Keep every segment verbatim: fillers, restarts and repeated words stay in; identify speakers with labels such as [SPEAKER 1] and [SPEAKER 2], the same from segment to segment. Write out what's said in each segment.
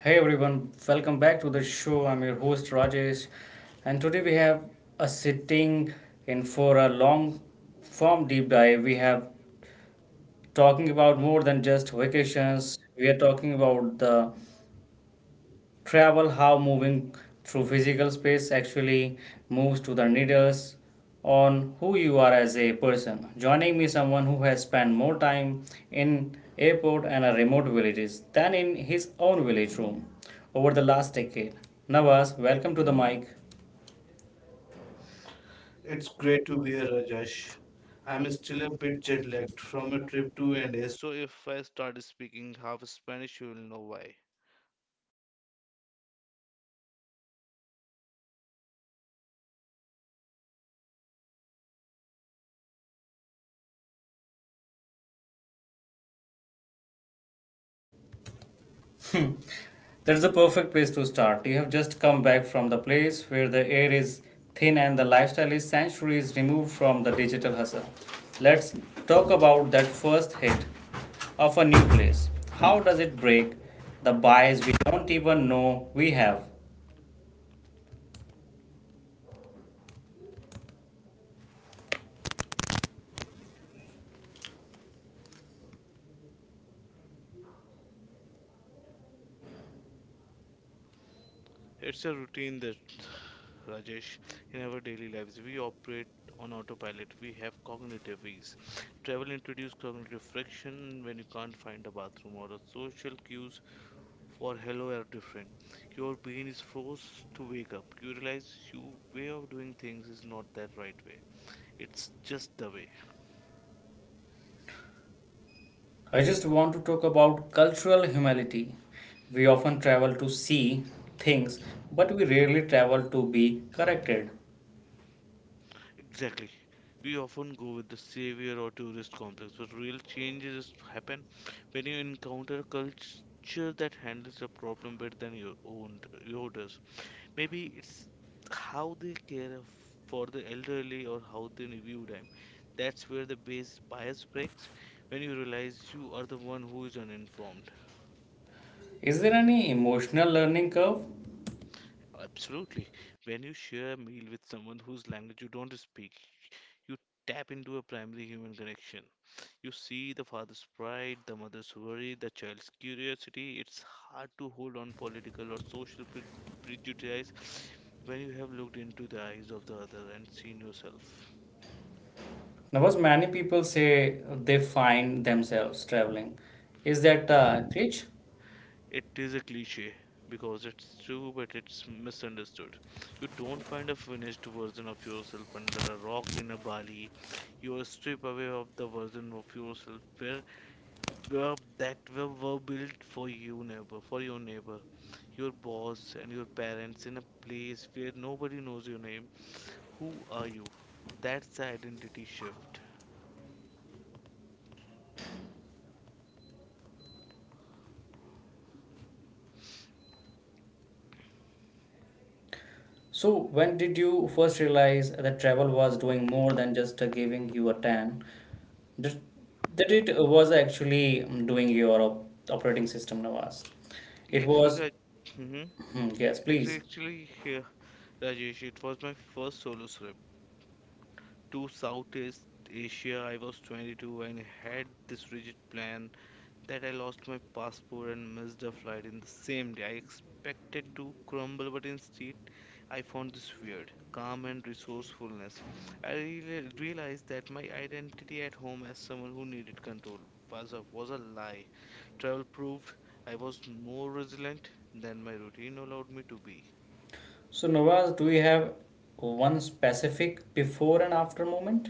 [SPEAKER 1] Hey everyone, welcome back to the show. I'm your host Rajesh, and today we have a sitting in for a long form deep dive. We have talking about more than just vacations. We are talking about the travel how moving through physical space actually moves to the needles on who you are as a person joining me someone who has spent more time in airport and a remote villages than in his own village room over the last decade Nawaz, welcome to the mic.
[SPEAKER 2] It's
[SPEAKER 1] It's
[SPEAKER 2] great
[SPEAKER 1] great
[SPEAKER 2] to
[SPEAKER 1] to
[SPEAKER 2] be
[SPEAKER 1] be
[SPEAKER 2] here,
[SPEAKER 1] here, Rajesh.
[SPEAKER 2] Rajesh. I'm
[SPEAKER 1] I'm
[SPEAKER 2] still
[SPEAKER 1] still
[SPEAKER 2] a
[SPEAKER 1] a
[SPEAKER 2] bit
[SPEAKER 1] bit
[SPEAKER 2] jet
[SPEAKER 1] jet lagged
[SPEAKER 2] lagged from
[SPEAKER 1] from
[SPEAKER 2] a
[SPEAKER 1] a
[SPEAKER 2] trip
[SPEAKER 1] trip
[SPEAKER 2] to
[SPEAKER 1] to
[SPEAKER 2] India,
[SPEAKER 1] L A.
[SPEAKER 2] so if I start speaking half Spanish, you'll know why.
[SPEAKER 1] That's the perfect place to start. You have just come back from the place where the air is thin and the lifestyle is centuries removed from the digital hustle. Let's talk about that first hit of a new place. How does it break the bias we don't even know we have?
[SPEAKER 2] It's a routine that, Rajesh, in our daily lives, we operate on autopilot. We have cognitive ease. Travel introduces cognitive friction when you can't find a bathroom or a social cues for hello are different. Your brain is forced to wake up. You realize your way of doing things is not that right way. It's just the way.
[SPEAKER 1] I just want to talk about cultural humility. We often travel to see things, but we rarely travel to be corrected.
[SPEAKER 2] Exactly. We often go with the savior or tourist complex, but real changes happen when you encounter a culture that handles the problem better than your own d- your does. Maybe it's how they care of- for the elderly or how they view them. That's where the base bias breaks when you realize you are the one who is uninformed.
[SPEAKER 1] Is there any emotional learning curve?
[SPEAKER 2] Absolutely. When you share a meal with someone whose language you don't speak, you tap into a primary human connection. You see the father's pride, the mother's worry, the child's curiosity. It's hard to hold on political or social pre- prejudice when you have looked into the eyes of the other and seen yourself.
[SPEAKER 1] Navas, many people say they find themselves traveling. Is that a glitch?
[SPEAKER 2] It is a cliche because it's true, but it's misunderstood. You don't find a finished version of yourself under a rock in a Bali. You are stripped away of the version of yourself where, where that were, were built for you neighbor, for your neighbor, your boss, and your parents in a place where nobody knows your name. Who are you? That's the identity shift.
[SPEAKER 1] So, when did you first realize that travel was doing more than just uh, giving you a tan? That that it uh, was actually um, doing your op- operating system, Navas.
[SPEAKER 2] Yeah,
[SPEAKER 1] It
[SPEAKER 2] actually,
[SPEAKER 1] was,
[SPEAKER 2] Raj, hmm
[SPEAKER 1] Hmm, yes,
[SPEAKER 2] actually,
[SPEAKER 1] please.
[SPEAKER 2] actually, yeah, Rajesh, it was my first solo trip to Southeast Asia. I was twenty-two and had this rigid plan that I lost my passport and missed a flight in the same day. I expected to crumble, but instead, I found this weird calm and resourcefulness. I really realized that my identity at home as someone who needed control was a, was a lie. Travel proved I was more resilient than my routine allowed me to be.
[SPEAKER 1] So, Navas, do you have one specific before and after moment?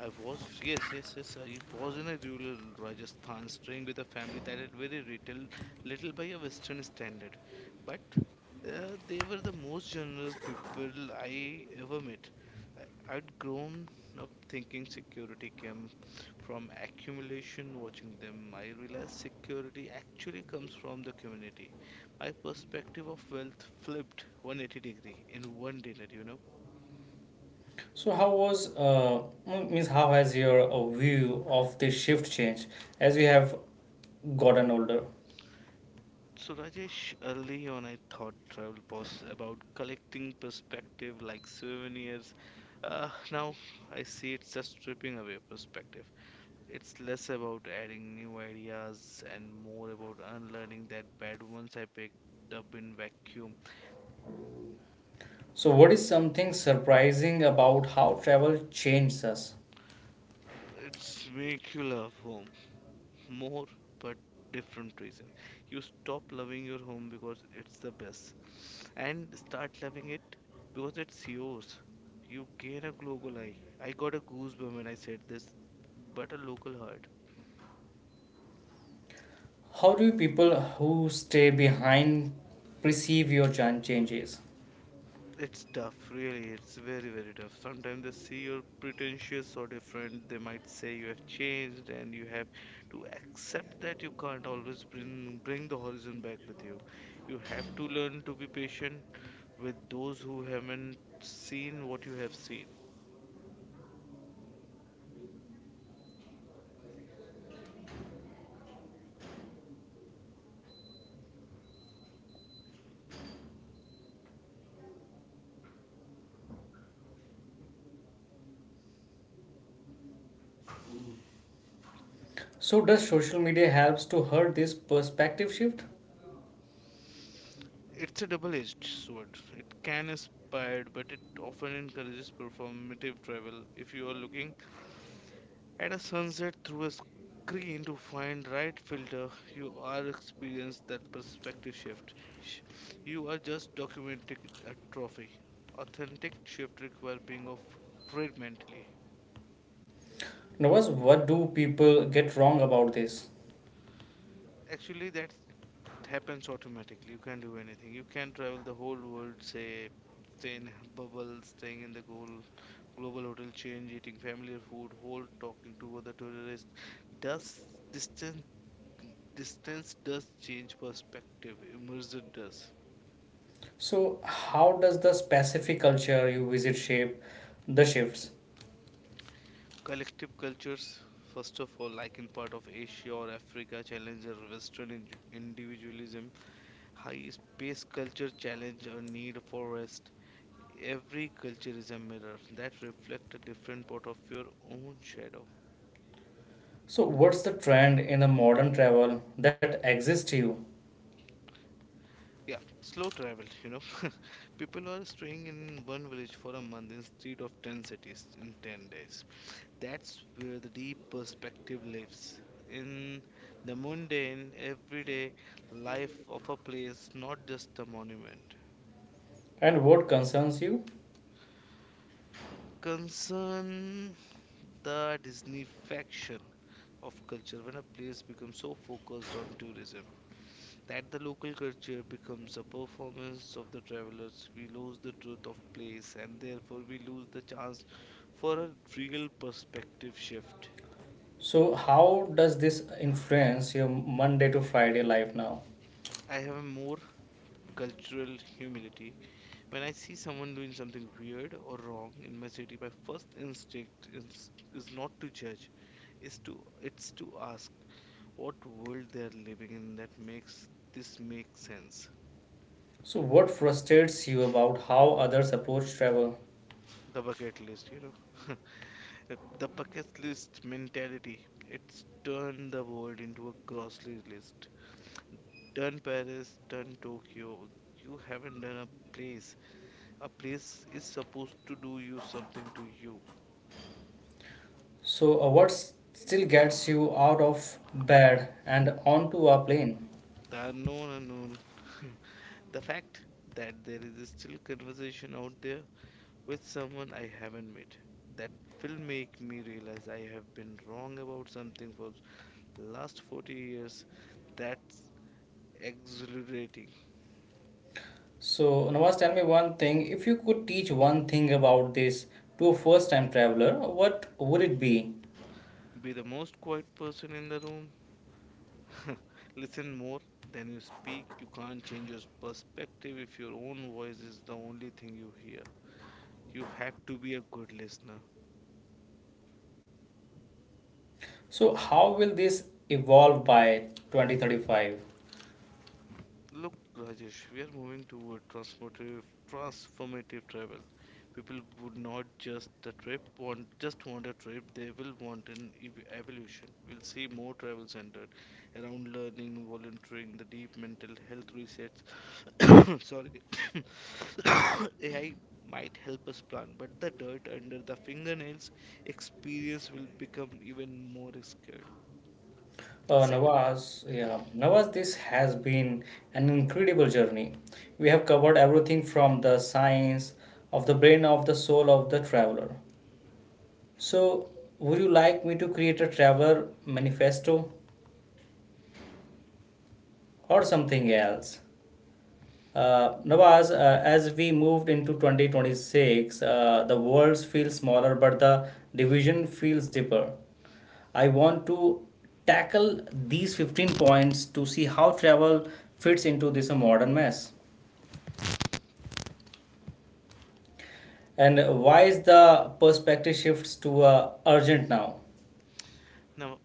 [SPEAKER 2] I was, yes, yes, yes. I was in a rural Rajasthan, staying with a family that had very little, little by a Western standard. But uh, they were the most generous people I ever met. I, I'd grown up thinking security came from accumulation. Watching them, I realized security actually comes from the community. My perspective of wealth flipped one hundred eighty degree in one dinner, you know.
[SPEAKER 1] So how was uh, m- means how has your uh, view of the shift changed as you have gotten older?
[SPEAKER 2] So, Rajesh, early on I thought travel was about collecting perspective like souvenirs. Uh, now I see it's just stripping away perspective. It's less about adding new ideas and more about unlearning that bad ones I picked up in vacuum.
[SPEAKER 1] So what is something surprising about how travel changes us?
[SPEAKER 2] It's make you love home more but different reason. You stop loving your home because it's the best and start loving it because it's yours. You gain a global eye. I got a goosebump when I said this, but a local heart.
[SPEAKER 1] How do people who stay behind perceive your jan- changes?
[SPEAKER 2] It's tough, really. It's very, very tough. Sometimes they see you're pretentious or different. They might say you have changed, and you have to accept that you can't always bring bring the horizon back with you. You have to learn to be patient with those who haven't seen what you have seen.
[SPEAKER 1] So does social media helps to hurt this perspective shift?
[SPEAKER 2] It's a double-edged sword. It can inspire, but it often encourages performative travel. If you are looking at a sunset through a screen to find right filter, you are experience that perspective shift. Sh- You are just documenting a trophy. Authentic shift require being of great mentally.
[SPEAKER 1] Nawaz, what do people get wrong about this?
[SPEAKER 2] Actually, that's it happens automatically. You can't do anything. You can travel the whole world, say, stay in a bubble, staying in the goal, global hotel change, eating familiar food, whole talking to other tourists. Does distance distance does change perspective? Immersion does.
[SPEAKER 1] So how does the specific culture you visit shape the shifts?
[SPEAKER 2] Collective cultures, first of all, like in part of Asia or Africa, challenge our Western indi- individualism. High space culture challenge our need for rest. Every culture is a mirror that reflects a different part of your own shadow.
[SPEAKER 1] So, what's the trend in a modern travel that exists you
[SPEAKER 2] Yeah, slow travel, you know. People are staying in one village for a month instead of ten cities in ten days. That's where the deep perspective lives. In the mundane, everyday life of a place, not just a monument.
[SPEAKER 1] and what concerns you?
[SPEAKER 2] Concern the Disney faction of culture when a place becomes so focused on tourism that the local culture becomes a performance of the travelers, we lose the truth of place and therefore we lose the chance for a real perspective shift.
[SPEAKER 1] So, how does this influence your Monday to Friday life now?
[SPEAKER 2] I have more cultural humility. When I see someone doing something weird or wrong in my city, my first instinct is, is not to judge, is to it's to ask what world they are living in that makes this make sense.
[SPEAKER 1] So, what frustrates you about how others approach travel?
[SPEAKER 2] The bucket list, you know. Uh, The bucket list mentality. It's turned the world into a grocery list. Done Paris, done Tokyo. You haven't done a place. A place is supposed to do you something to you.
[SPEAKER 1] So, uh, what s- still gets you out of bed and onto a plane?
[SPEAKER 2] The unknown unknown. The fact that there is still conversation out there with someone I haven't met. That will make me realize I have been wrong about something for last forty years. That's exhilarating.
[SPEAKER 1] So, Nawaz, tell me one thing. If you could teach one thing about this to a first time traveler, what would it be?
[SPEAKER 2] Be the most quiet person in the room. Listen more than you speak. You can't change your perspective if your own voice is the only thing you hear. You have to be a good listener.
[SPEAKER 1] So, how will this evolve by twenty thirty-five?
[SPEAKER 2] Look, Rajesh, we are moving toward transformative, transformative travel. People would not just the trip want just want a trip; they will want an ev- evolution. We'll see more travel centered around learning, volunteering, the deep mental health resets. Sorry, A I might help us plan, but the dirt under the fingernails experience will become even more scared.
[SPEAKER 1] Uh,
[SPEAKER 2] Sacred.
[SPEAKER 1] Nawaz, yeah, Nawaz, this has been an incredible journey. We have covered everything from the science of the brain of the soul of the traveler. So, would you like me to create a traveler manifesto? Or something else. Uh, Nawaz, uh, as we moved into twenty twenty-six, uh, the world feels smaller, but the division feels deeper. I want to tackle these fifteen points to see how travel fits into this uh, modern mess. And why is the perspective shifts to uh, urgent now?
[SPEAKER 2] Now,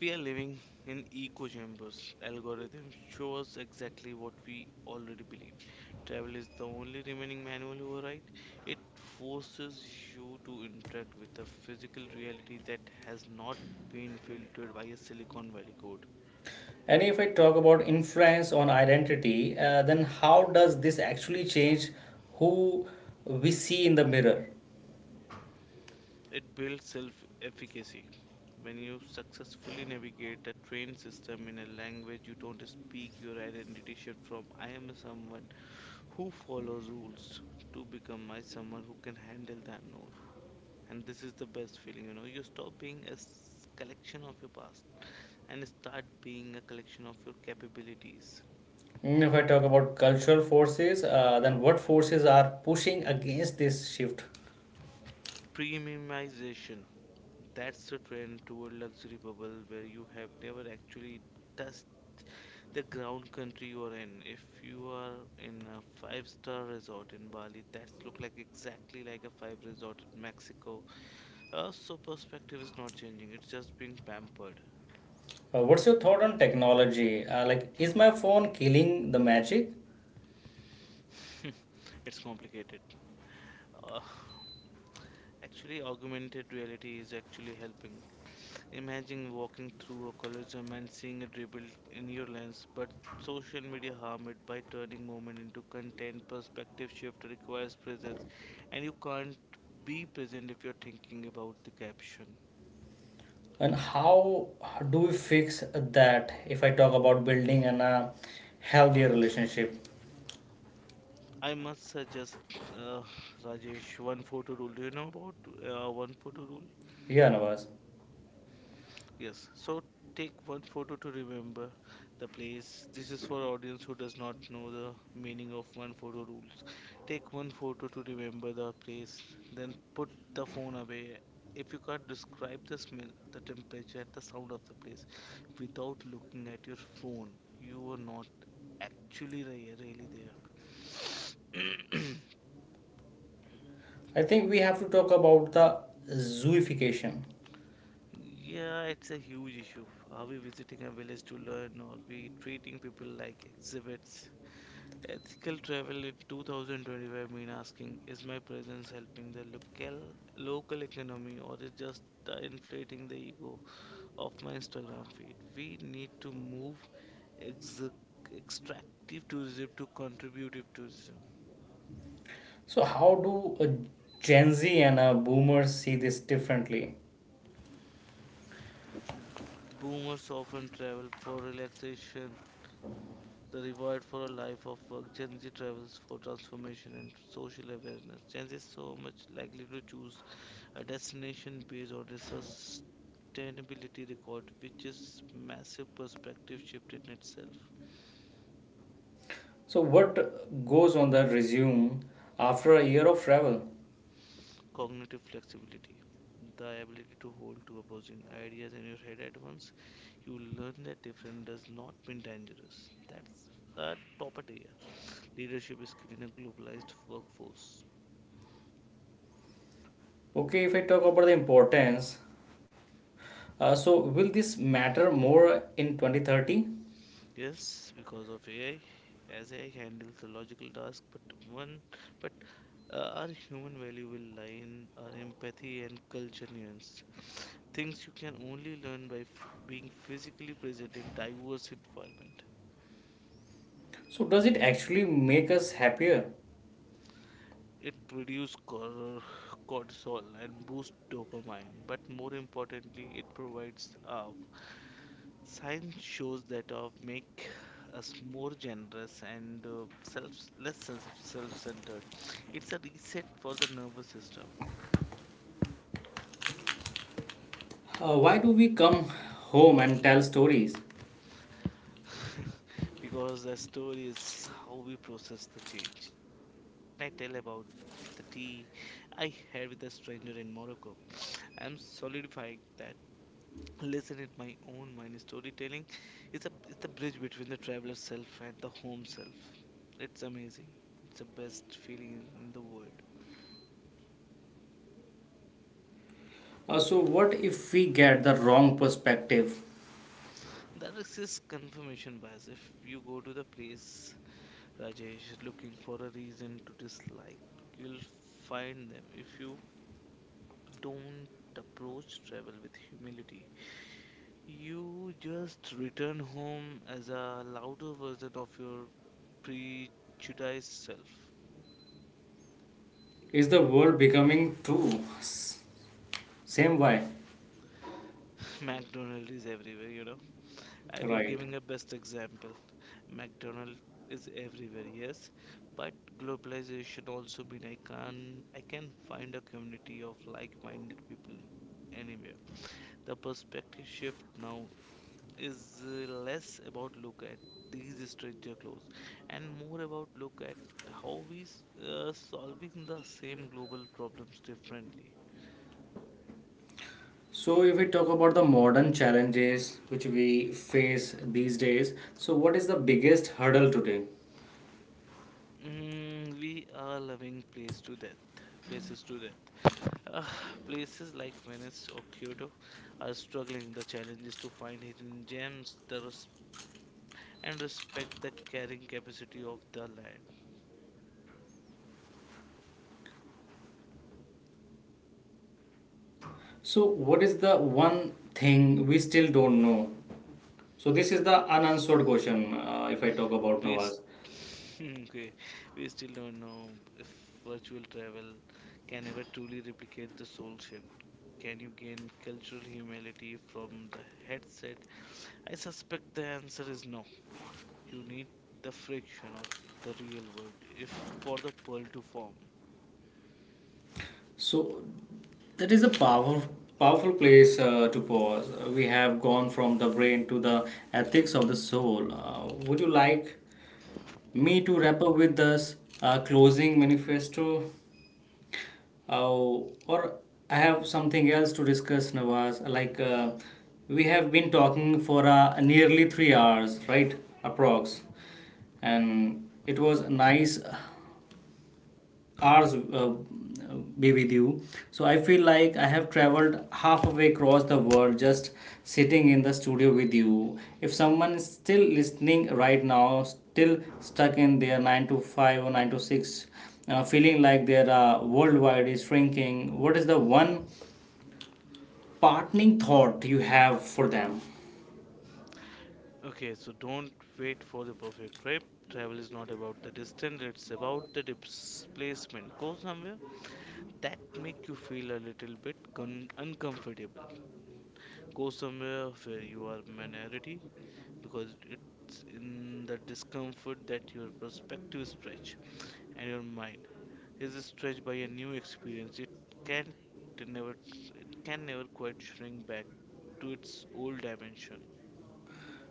[SPEAKER 2] we are living in echo chambers. Algorithms show us exactly what we already believe. Travel is the only remaining manual override. It forces you to interact with a physical reality that has not been filtered by a Silicon Valley code.
[SPEAKER 1] And if I talk about influence on identity, uh, then how does this actually change who we see in the mirror?
[SPEAKER 2] It builds self efficacy. When you successfully navigate a trained system in a language you don't speak, your identity shifts from I am someone who follows rules to become I someone who can handle the unknown. And this is the best feeling, you know. You stop being a s- collection of your past and start being a collection of your capabilities.
[SPEAKER 1] Mm, if I talk about cultural forces, uh, then what forces are pushing against this shift?
[SPEAKER 2] Premiumization. That's the trend toward luxury bubble where you have never actually touched the ground country you are in. If you are in a five-star resort in Bali, that look like exactly like a five resort in Mexico. Uh, so perspective is not changing. It's just being pampered.
[SPEAKER 1] Uh, what's your thought on technology? Uh, like, is my phone killing the magic?
[SPEAKER 2] It's complicated. Uh, actually, augmented reality is actually helping. Imagine walking through a colosseum and seeing it rebuilt in your lens, but social media harmed it by turning moment into content. Perspective shift requires presence, and you can't be present if you're thinking about the caption.
[SPEAKER 1] And how do we fix that if I talk about building an uh, healthier relationship?
[SPEAKER 2] I must suggest, uh, Rajesh, one photo rule. Do you know about uh, one photo rule?
[SPEAKER 1] Yeah, Nawaz.
[SPEAKER 2] Yes, so take one photo to remember the place. This is for audience who does not know the meaning of one photo rules. Take one photo to remember the place, then put the phone away. If you can't describe the smell, the temperature, and the sound of the place without looking at your phone, you were not actually re- really there.
[SPEAKER 1] I think we have to talk about the zooification.
[SPEAKER 2] Yeah, it's a huge issue. Are we visiting a village to learn, or we treating people like exhibits? Ethical travel in two thousand twenty-five mean asking, is my presence helping the local local economy or is just uh, inflating the ego of my Instagram feed? We need to move ex- extractive tourism to contributive tourism.
[SPEAKER 1] So, how do uh, Gen Z and uh, boomers see this differently?
[SPEAKER 2] Boomers often travel for relaxation. The reward for a life of work, Gen Z travels for transformation and social awareness. Gen Z is so much likely to choose a destination based on a sustainability record, which is massive perspective shift in itself.
[SPEAKER 1] So, what goes on the resume after a year of travel?
[SPEAKER 2] Cognitive flexibility. The ability to hold two opposing ideas in your head at once. You learn that different does not mean dangerous. That's a top idea. Leadership skill in a globalized workforce.
[SPEAKER 1] Okay, if I talk about the importance, uh, so will this matter more in twenty thirty?
[SPEAKER 2] Yes, because of A I, as A I handles the logical task, but one, but uh, our human value will lie in our empathy and culture nuance. Things you can only learn by f being physically present in diverse environment.
[SPEAKER 1] So, does it actually make us happier?
[SPEAKER 2] It produces cor- cortisol and boosts dopamine, but more importantly, it provides of. Science shows that of make us more generous and uh, self less self self-centered. It's a reset for the nervous system.
[SPEAKER 1] Uh, why do we come home and tell stories?
[SPEAKER 2] Because the story is how we process the change. When I tell about the tea I had with a stranger in Morocco, I'm solidifying that. Listen in my own mind. Storytelling is a is the bridge between the traveler self and the home self. It's amazing. It's the best feeling in in the world.
[SPEAKER 1] Uh, so, what if we get the wrong perspective?
[SPEAKER 2] That is exists confirmation bias. If you go to the place Rajesh looking for a reason to dislike, you'll find them. If you don't approach travel with humility, you just return home as a louder version of your prejudiced self.
[SPEAKER 1] Is the world becoming too s- same way?
[SPEAKER 2] McDonald is everywhere, you know. I'm
[SPEAKER 1] Right.
[SPEAKER 2] giving a best example. McDonald is everywhere, yes, but globalization also mean I can I can find a community of like-minded people anywhere. The perspective shift now is uh, less about look at these stranger clothes and more about look at how we s- uh, solving the same global problems differently.
[SPEAKER 1] So, if we talk about the modern challenges which we face these days, so what is the biggest hurdle today?
[SPEAKER 2] Mm, we are loving place to death, places to death. Uh, places like Venice or Kyoto are struggling. The challenge is to find hidden gems the res- and respect the carrying capacity of the land.
[SPEAKER 1] So, what is the one thing we still don't know? So this is the unanswered question, uh, if I talk about
[SPEAKER 2] We s-
[SPEAKER 1] Nawaz.
[SPEAKER 2] okay, we still don't know if virtual travel can ever truly replicate the soul shift. Can you gain cultural humility from the headset? I suspect the answer is no. You need the friction of the real world if for the pearl to form.
[SPEAKER 1] So that is a power, powerful place uh, to pause. Uh, We have gone from the brain to the ethics of the soul. Uh, would you like me to wrap up with this uh, closing manifesto? Uh, or I have something else to discuss, Nawaz. Like uh, we have been talking for uh, nearly three hours, right? Approx. And it was nice hours uh, be with you. So I feel like I have traveled halfway across the world just sitting in the studio with you. If someone is still listening right now, still stuck in their nine to five or nine to six, uh, feeling like their uh, worldwide is shrinking, what is the one parting thought you have for them?
[SPEAKER 2] Okay, so don't wait for the perfect trip. Travel is not about the distance, it's about the displacement. Go somewhere that make you feel a little bit con uncomfortable. Go somewhere where you are minority because it's in the discomfort that your perspective stretch and your mind is stretched by a new experience. It can never it can never quite shrink back to its old dimension.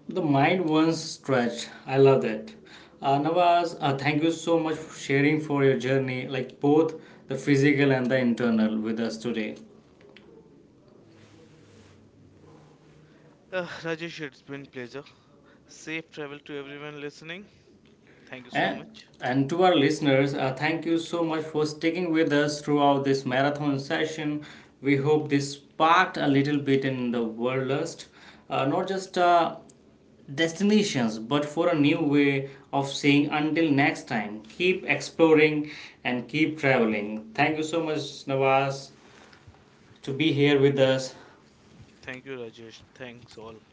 [SPEAKER 1] The mind once stretched. I love that. Uh, Nawaz, uh, thank you so much for sharing for your journey, like both the physical and the internal, with us today.
[SPEAKER 2] Uh, Rajesh, it's been pleasure. Safe travel to everyone listening. Thank you so
[SPEAKER 1] And,
[SPEAKER 2] much.
[SPEAKER 1] and to our listeners, uh, thank you so much for sticking with us throughout this marathon session. We hope this sparked a little bit in the world lust, uh, not just uh, destinations, but for a new way of saying until next time, keep exploring and keep traveling. Thank you so much, Nawaz, to be here with us.
[SPEAKER 2] Thank you, Rajesh. Thanks, all.